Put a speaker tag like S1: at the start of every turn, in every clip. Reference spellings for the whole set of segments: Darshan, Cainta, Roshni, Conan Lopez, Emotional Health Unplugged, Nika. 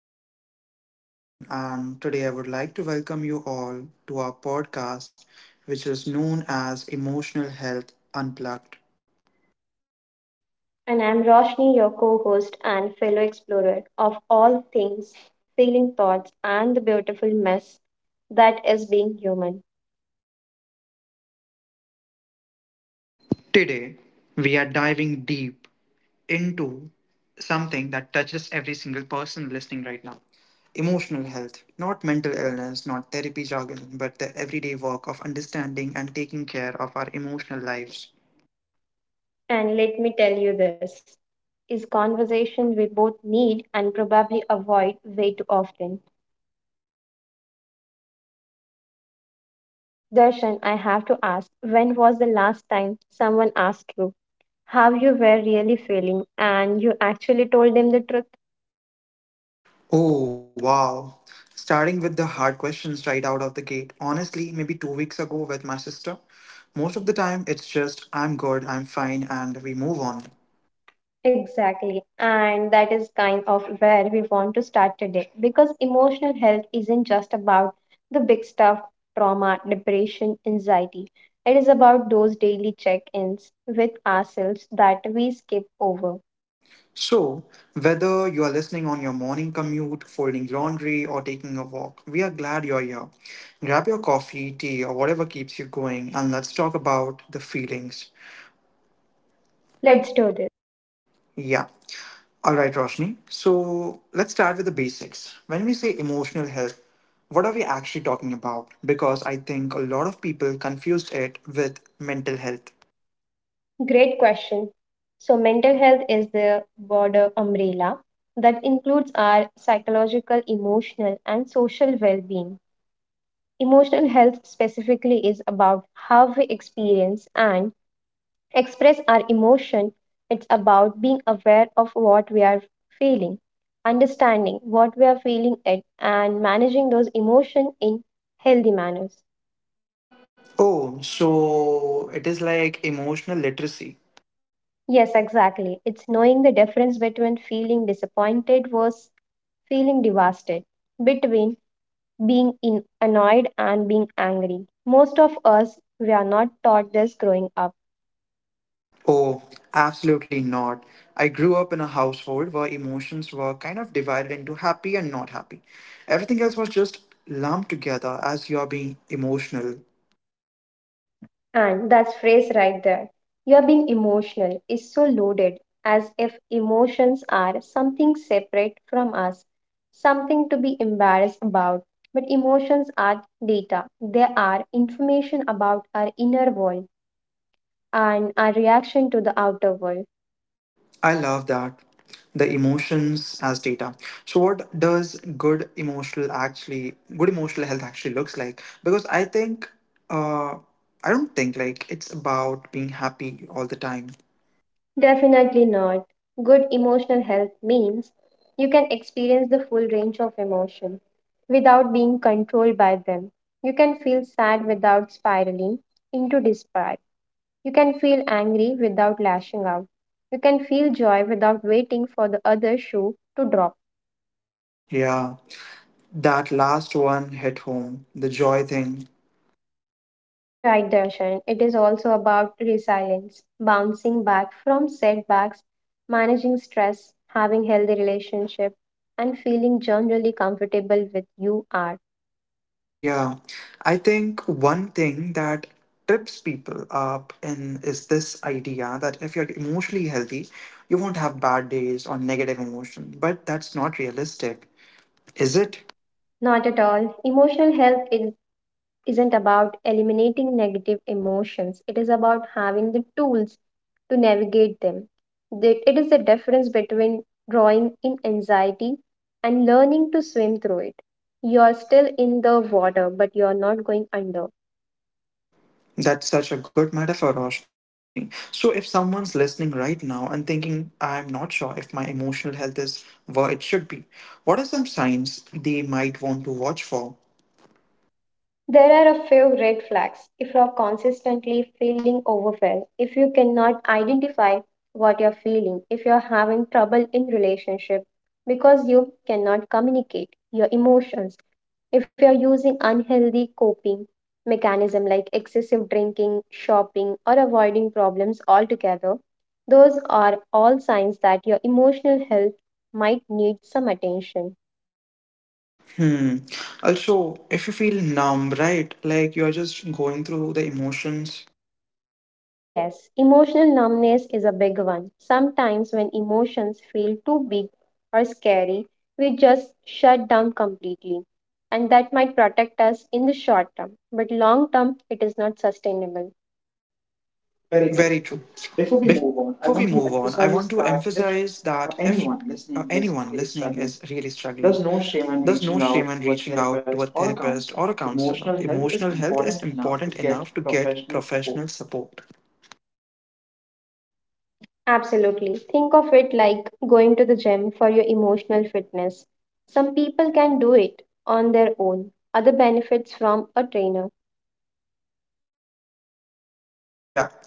S1: host, Darshan, and today I would like to welcome you all to our podcast, which is known as Emotional Health Unplugged.
S2: And I'm Roshni, your co host and fellow explorer of all things, feeling thoughts, and the beautiful mess that is being human.
S1: Today, we are diving deep into something that touches every single person listening right now, emotional health, not mental illness, not therapy jargon, but the everyday work of understanding and taking care of our emotional lives.
S2: And let me tell you this is conversation we both need and probably avoid way too often. Darshan, I have to ask, when was the last time someone asked you how you were really feeling and you actually told them the truth?
S1: Oh, wow. Starting with the hard questions right out of the gate. Honestly, maybe 2 weeks ago with my sister. Most of the time, it's just, I'm good, I'm fine, and we move on.
S2: Exactly. And that is kind of where we want to start today because emotional health isn't just about the big stuff trauma, depression, anxiety. It is about those daily check ins with ourselves that we skip over.
S1: So, whether you are listening on your morning commute, folding laundry, or taking a walk, we are glad you're here. Grab your coffee, tea, or whatever keeps you going, and let's talk about the feelings. Let's.
S2: Let's do this.
S1: Yeah. All right, Roshni. So let's start with the basics. When we say emotional health, what are we actually talking about? Because I think a lot of people confused it with mental health.
S2: Great question. So, mental health is the broader umbrella that includes our psychological, emotional, and social well being. Emotional health specifically is about how we experience and express our emotion. It's about being aware of what we are feeling, understanding what we are feeling it, and managing those emotions in healthy manners.
S1: Oh, so it is like emotional literacy.
S2: Yes, exactly. It's knowing the difference between feeling disappointed versus feeling devastated, between being in annoyed and being angry. Most of us, we are not taught this growing up.
S1: Oh, absolutely not. I grew up in a household where emotions were kind of divided into happy and not happy. Everything else was just lumped together as you're being emotional.
S2: And that phrase right there, you're being emotional, is so loaded, as if emotions are something separate from us, something to be embarrassed about. But emotions are data, they are information about our inner world and our reaction to the outer world.
S1: I love that. The emotions as data. So what does good emotional actually good emotional health actually looks like? Because I think uh I don't think like it's about being happy all the time.
S2: Definitely not. Good emotional health means you can experience the full range of emotion without being controlled by them. You can feel sad without spiraling into despair. You can feel angry without lashing out. You can feel joy without waiting for the other shoe to drop.
S1: Yeah. That last one hit home, the joy thing.
S2: Right, Darshan. It is also about resilience, bouncing back from setbacks, managing stress, having healthy relationship, and feeling generally comfortable with you are.
S1: Yeah. I think one thing that trips people up in is this idea that if you're emotionally healthy, you won't have bad days or negative emotion. But that's not realistic, is it?
S2: Not at all. Emotional health isn't about eliminating negative emotions. It is about having the tools to navigate them. It is the difference between drawing in anxiety and learning to swim through it. You are still in the water, but you are not going under.
S1: That's such a good metaphor, Roshni. So, if someone's listening right now and thinking, I'm not sure if my emotional health is where it should be, what are some signs they might want to watch for?
S2: There are a few red flags. If you are consistently feeling overwhelmed, if you cannot identify what you're feeling, if you're having trouble in relationship because you cannot communicate your emotions, if you're using unhealthy coping mechanism like excessive drinking, shopping or avoiding problems altogether, those are all signs that your emotional health might need some attention.
S1: Hmm. Also, if you feel numb, right? Like you're just going through the emotions.
S2: Yes, emotional numbness is a big one. Sometimes, when emotions feel too big or scary, we just shut down completely. And that might protect us in the short term, but long term, it is not sustainable. Very true.
S1: Very true.
S2: Before we move
S1: Before
S2: on,
S1: we
S2: I want
S1: move
S2: to
S1: on, I want to
S2: emphasize that if
S1: emphasize that if
S2: anyone listening
S1: anyone
S2: is really
S1: listening is
S2: struggling,
S1: really struggling,
S2: there's no shame in
S1: there's no
S2: reaching
S1: shame
S2: out
S1: in
S2: to a
S1: reaching out
S2: therapist
S1: to a
S2: or a counselor.
S1: therapist or a
S2: Emotional
S1: counselor.
S2: health is
S1: Emotional
S2: important
S1: health is
S2: enough to get
S1: important enough to
S2: professional
S1: get
S2: support.
S1: professional support.
S2: Absolutely. Think of it like going to the gym for your emotional fitness. Some people can do it on their own. Other benefits from a trainer.
S1: Yeah.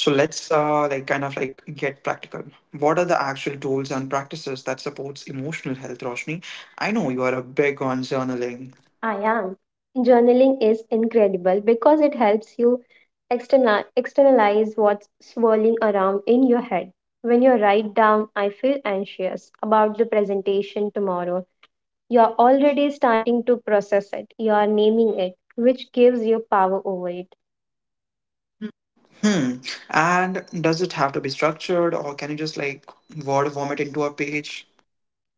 S1: So let's get practical. What are the actual tools and practices that supports emotional health, Roshni? I know you are a big on journaling.
S2: I am. Journaling is incredible because it helps you externalize what's swirling around in your head. When you write down, I feel anxious about the presentation tomorrow, you're already starting to process it, you are naming it, which gives you power over it.
S1: Hmm. And does it have to be structured or can you just like word vomit into a page?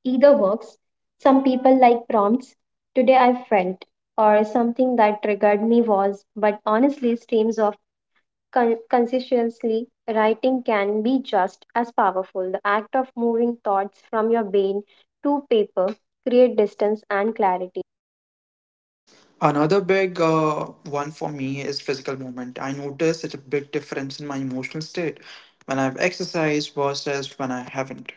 S2: Either works. Some people like prompts. Today I felt, or something that triggered me was, but honestly, streams of consciously writing can be just as powerful. The act of moving thoughts from your brain to paper create distance and clarity.
S1: Another big one for me is physical movement. I notice such a big difference in my emotional state when I've exercised versus when I haven't.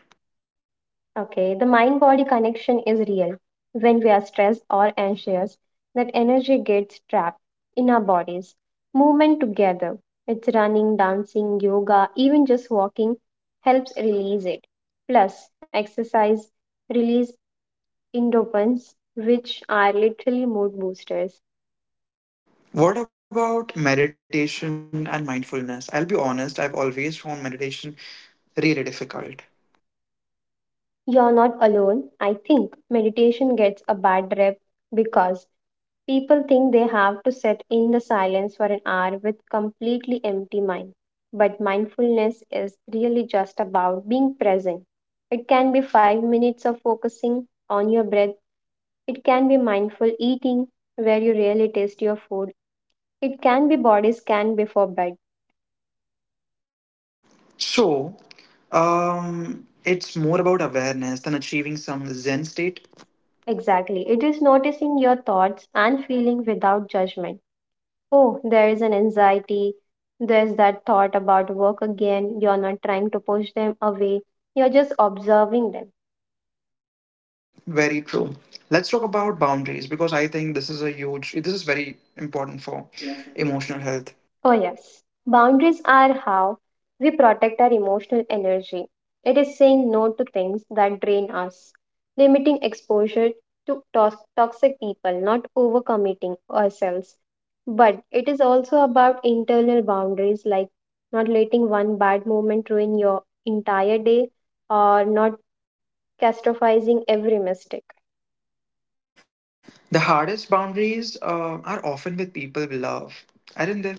S2: Okay, the mind body connection is real. When we are stressed or anxious, that energy gets trapped in our bodies. Movement together, it's running, dancing, yoga, even just walking, helps release it. Plus, exercise release endorphins, which are literally mood boosters.
S1: What about meditation and mindfulness? I'll be honest, I've always found meditation really difficult.
S2: You're not alone. I think meditation gets a bad rep because people think they have to sit in the silence for an hour with completely empty mind. But mindfulness is really just about being present. It can be 5 minutes of focusing on your breath. It can be mindful eating where you really taste your food. It can be body scan before bed.
S1: So, it's more about awareness than achieving some Zen state.
S2: Exactly. It is noticing your thoughts and feeling without judgment. Oh, there is an anxiety. There's that thought about work again. You're not trying to push them away, you're just observing them.
S1: Very true. Let's talk about boundaries because I think this is a huge, this is very important for emotional health.
S2: Oh, yes. Boundaries are how we protect our emotional energy. It is saying no to things that drain us, limiting exposure to toxic people, not overcommitting ourselves. But it is also about internal boundaries, like not letting one bad moment ruin your entire day or not catastrophizing every mistake.
S1: The hardest boundaries are often with people we love, aren't they?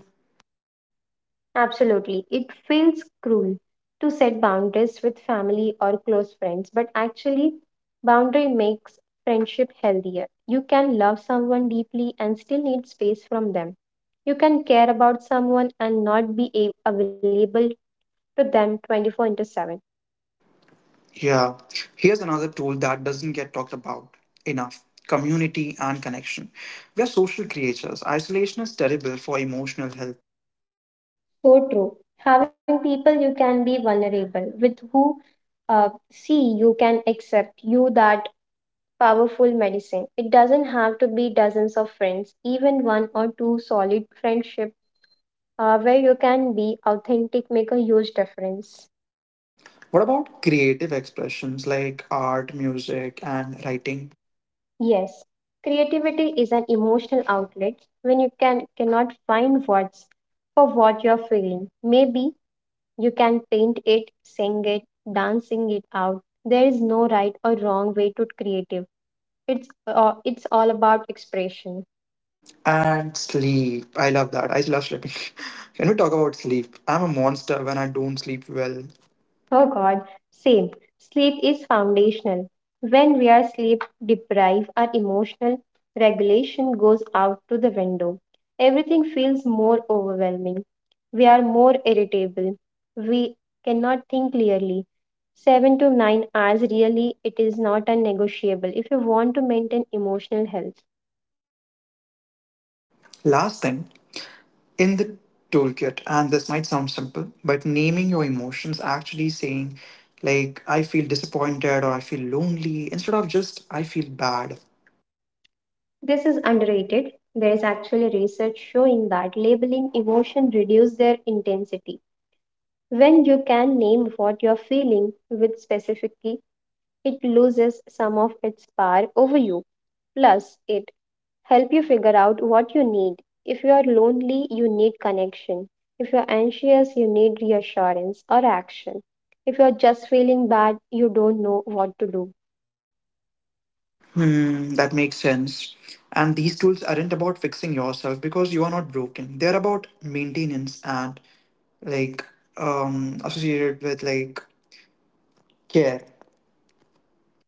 S2: Absolutely. It feels cruel to set boundaries with family or close friends, but actually, boundary makes friendship healthier. You can love someone deeply and still need space from them. You can care about someone and not be available to them 24 into 7.
S1: Yeah. Here's another tool that doesn't get talked about enough, community and connection. We are social creatures. Isolation is terrible for emotional health.
S2: So true. Having people you can be vulnerable with who uh, see you can accept you that powerful medicine. It doesn't have to be dozens of friends, even one or two solid friendships where you can be authentic make a huge difference.
S1: What about creative expressions like art, music, and writing?
S2: Yes, creativity is an emotional outlet when you can cannot find words for what you're feeling. Maybe you can paint it, sing it, dancing it out. There is no right or wrong way to creative. It's all about expression.
S1: And sleep. I love that. I love sleeping. Can we talk about sleep? I'm a monster when I don't sleep well.
S2: Oh God, same. Sleep is foundational. When we are sleep deprived, our emotional regulation goes out to the window. Everything feels more overwhelming. We are more irritable. We cannot think clearly. 7 to 9 hours really it is not a negotiable if you want to maintain emotional health.
S1: Last thing, in the toolkit, and this might sound simple, but naming your emotions, actually saying like I feel disappointed or I feel lonely instead of just I feel bad.
S2: This is underrated. There is actually research showing that labeling emotion reduce their intensity. When you can name what you're feeling with specificity, it loses some of its power over you. Plus, it help you figure out what you need. If you are lonely, you need connection. If you're anxious, you need reassurance or action. If you're just feeling bad, you don't know what to do.
S1: Hmm, that makes sense. And these tools aren't about fixing yourself because you are not broken, they're about maintenance and like, associated with like care.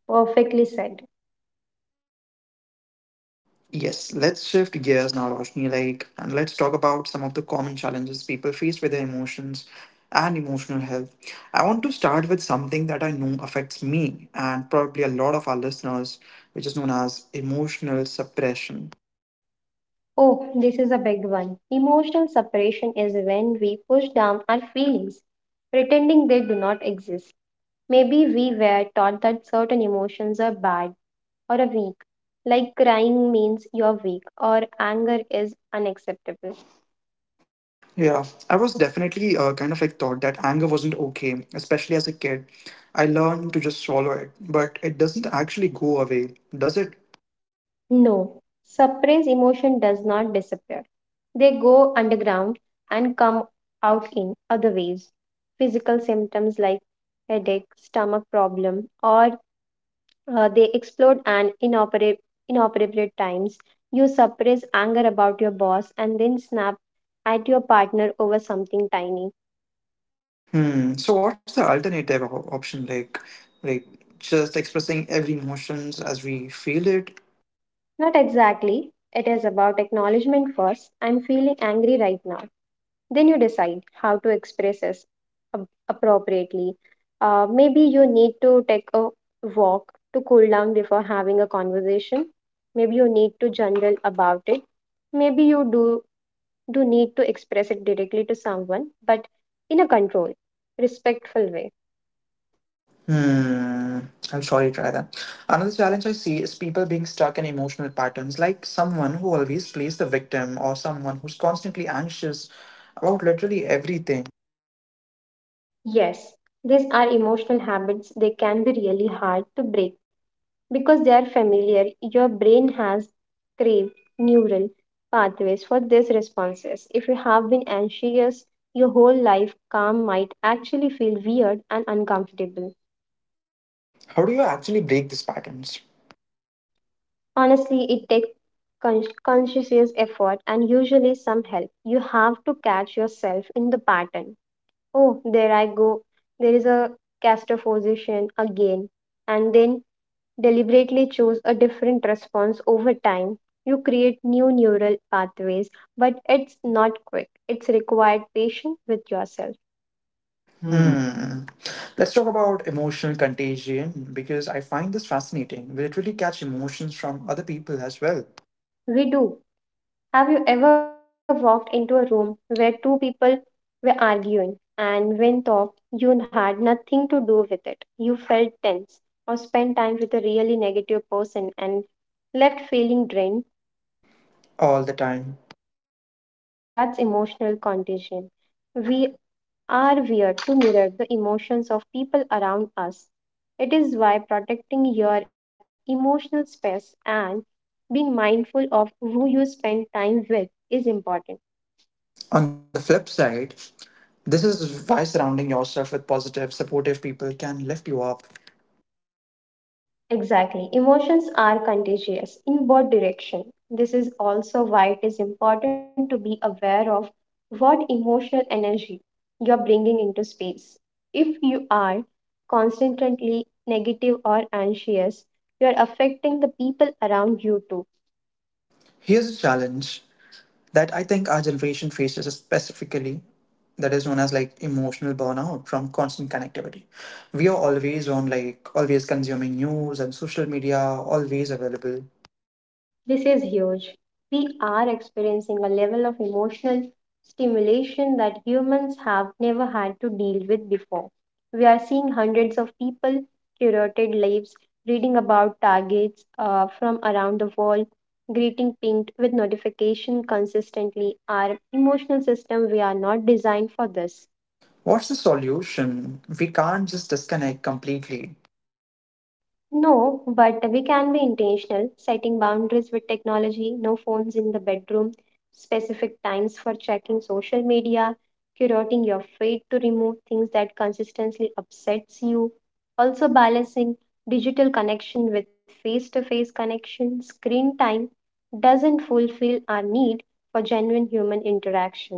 S2: Perfectly said.
S1: Yes, let's shift gears now, Roshni, like, and let's talk about some of the common challenges people face with their emotions and emotional health. I want to start with something that I know affects me and probably a lot of our listeners, which is known as emotional suppression.
S2: Oh, this is a big one. Emotional separation is when we push down our feelings, pretending they do not exist. Maybe we were taught that certain emotions are bad or are weak, like crying means you're weak or anger is unacceptable.
S1: Yeah, I was definitely thought that anger wasn't okay, especially as a kid. I learned to just swallow it, but it doesn't actually go away, does it?
S2: No, suppressed emotion does not disappear. They go underground and come out in other ways. Physical symptoms like headache, stomach problem, or they explode and inoperate inappropriate times. You suppress anger about your boss and then snap at your partner over something tiny.
S1: Hmm. So what's the alternative option like? Like just expressing every emotions as we feel it?
S2: Not exactly. It is about acknowledgement first. I'm feeling angry right now. Then you decide how to express this appropriately. Maybe you need to take a walk to cool down before having a conversation. Maybe you need to journal about it. Maybe you do need to express it directly to someone, but in a controlled, respectful way.
S1: Hmm. I'll surely try that. Another challenge I see is people being stuck in emotional patterns, like someone who always plays the victim or someone who's constantly anxious about literally everything.
S2: Yes, these are emotional habits. They can be really hard to break. Because they are familiar, your brain has craved neural pathways for these responses. If you have been anxious your whole life, calm might actually feel weird and uncomfortable.
S1: How do you actually break these patterns?
S2: Honestly, it takes conscious effort and usually some help. You have to catch yourself in the pattern. Oh, there I go. There is a castor position again. And then deliberately choose a different response over time, you create new neural pathways, but it's not quick. It's required patience with yourself. Hmm.
S1: Hmm. Let's talk about emotional contagion because I find this fascinating. We literally catch emotions from other people as well,
S2: We do. Have you ever walked into a room where two people were arguing and when thought you had nothing to do with it? You felt tense or spent time with a really negative person and left feeling drained.
S1: all the time.
S2: That's emotional contagion. We are weird to mirror the emotions of people around us. It is why protecting your emotional space and being mindful of who you spend time with is important.
S1: On the flip side, this is why surrounding yourself with positive, supportive people can lift you up.
S2: Exactly. Emotions are contagious in both direction. This is also why it is important to be aware of what emotional energy you're bringing into space. If you are constantly negative or anxious, you're affecting the people around you too.
S1: Here's a challenge that I think our generation faces specifically, that is known as like emotional burnout from constant connectivity. We are always on, like always consuming news and social media, always available.
S2: This is huge. We are experiencing a level of emotional stimulation that humans have never had to deal with before. We are seeing hundreds of people, curated lives, reading about targets from around the world, greeting pinged with notification consistently. Our emotional system, we are not designed for this.
S1: What's the solution? We can't just disconnect completely.
S2: No, but we can be intentional, setting boundaries with technology, no phones in the bedroom, specific times for checking social media, curating your feed to remove things that consistently upsets you, also balancing digital connection with face-to-face connection. Screen time doesn't fulfill our need for genuine human interaction.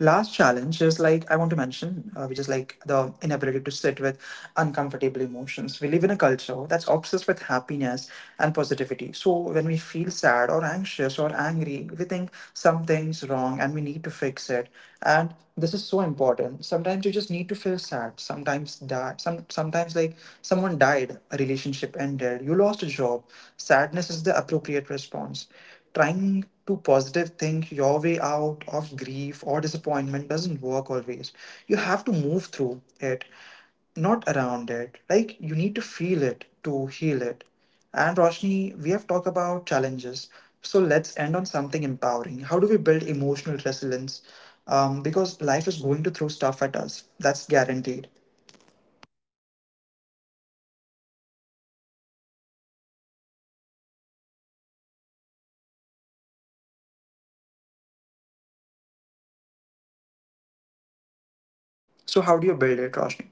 S1: Last challenge is like I want to mention, which is like the inability to sit with uncomfortable emotions. We live in a culture that's obsessed with happiness and positivity. So when we feel sad or anxious or angry, we think something's wrong and we need to fix it. And this
S2: This
S1: is
S2: is
S1: so
S2: so important.
S1: important. Sometimes you just need to feel sad. Sometimes, someone died, a relationship ended, you lost a job. Sadness is the appropriate response. Trying to positive think your way out of grief or disappointment doesn't work always. You have to move through it, not around it. Like you need to feel it to heal it. And Roshni, we have talked about challenges. So let's end on something empowering. How do we build emotional resilience? Because life is going to throw stuff at us. That's guaranteed.
S2: Okay, resilience is your ability to bend without breaking. And the good news is it's something you can develop. It is not personality trait you either have or do not have.
S1: So how do you build it, Roshni?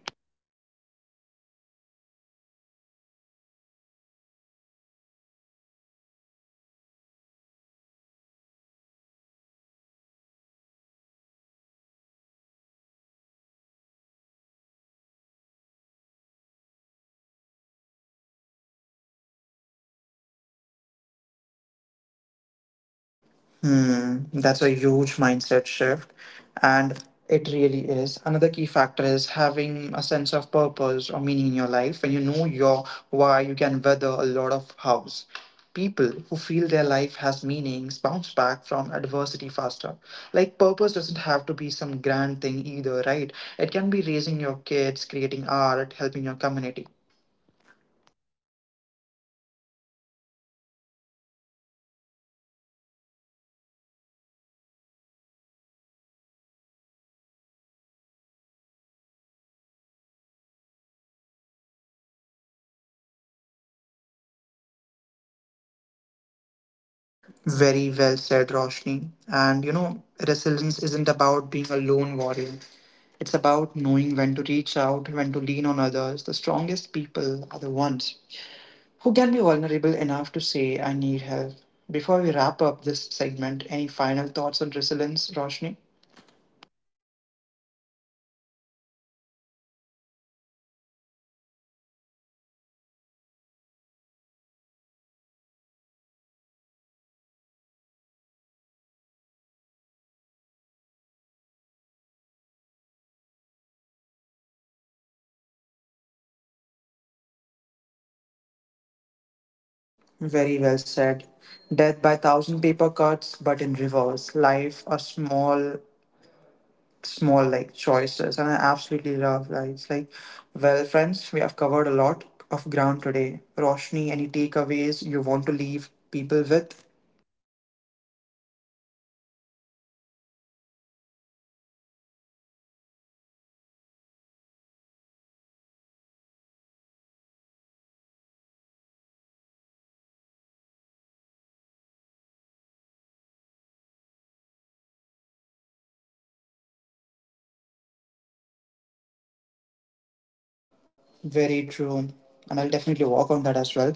S2: First, by reframing failure and setbacks. Resilient people do not see failure as a reflection of their worth. They see it's a it is an emotion information as a learning opportunity instead of I'm terrible at this. It is this it did not work. What can I try different?
S1: Hmm, that's a huge mindset shift, and it really is. Another key factor is having a sense of purpose or meaning in your life. When you know your why, you can weather a lot of hows. People who feel their life has meanings bounce back from adversity faster. Like, purpose doesn't have to be some grand thing either, right? It can be raising your kids, creating art, helping your community.
S2: Absolutely. It just has to matter you. Resilience also comes from flexibility. Life rarely goes according to your plan. So the ability to adapt to pivot to let it go of how you thought things would be that's crucial.
S1: Very well said, Roshni. And you know, resilience isn't about being a lone warrior. It's about knowing when to reach out, when to lean on others. The strongest people are the ones who can be vulnerable enough to say, I need help. Before we wrap up this segment, any final thoughts on resilience, Roshni?
S2: Just that it is a built gradually through small daily practice. Every time you choose self care over self neglect, every time you set a boundary, every time you process an emotion, instead of suppressing it, you're building resilience. It is not dramatic, it is consistent.
S1: Very well said. Death by thousand paper cuts, but in reverse. Life are small, small like choices, and I absolutely love lives. Like, well, friends, we have covered a lot of ground today. Roshni, any takeaways you want to leave people with?
S2: Yes, I think the biggest thing is that your emotional health matters just as much as your physical health. We would not ignore a broken bone or a persistent cough, so we should not ignore our emotional pain struggles either. Talking, taking care of your emotional health isn't selfish, it is essential.
S1: Very true. And I'll definitely work on that as well.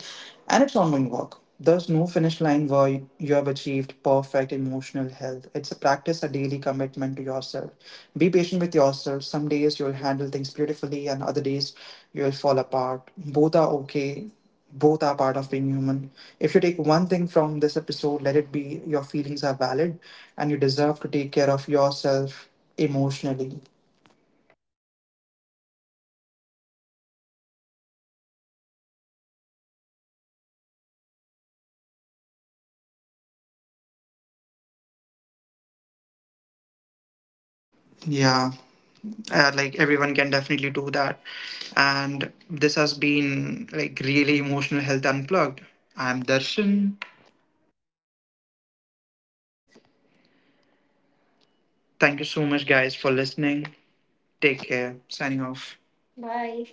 S1: And it's ongoing work. There's no finish line where you have achieved perfect emotional health. It's a practice, a daily commitment to yourself. Be patient with yourself. Some days you'll handle things beautifully, and other days you'll fall apart. Both are okay. Both are part of being human. If you take one thing from this episode, let it be your feelings are valid and you deserve to take care of yourself emotionally.
S2: Yes, and before we go, we would love to hear from you what's on your thing you're going to do this week to support your emotional health.
S1: Yeah. Like everyone can definitely do that, and this has been like really Emotional Health Unplugged. I'm Darshan.
S2: I'm Roshni.
S1: Thank you so much guys for listening. Take care, signing off. Bye.
S2: Bye.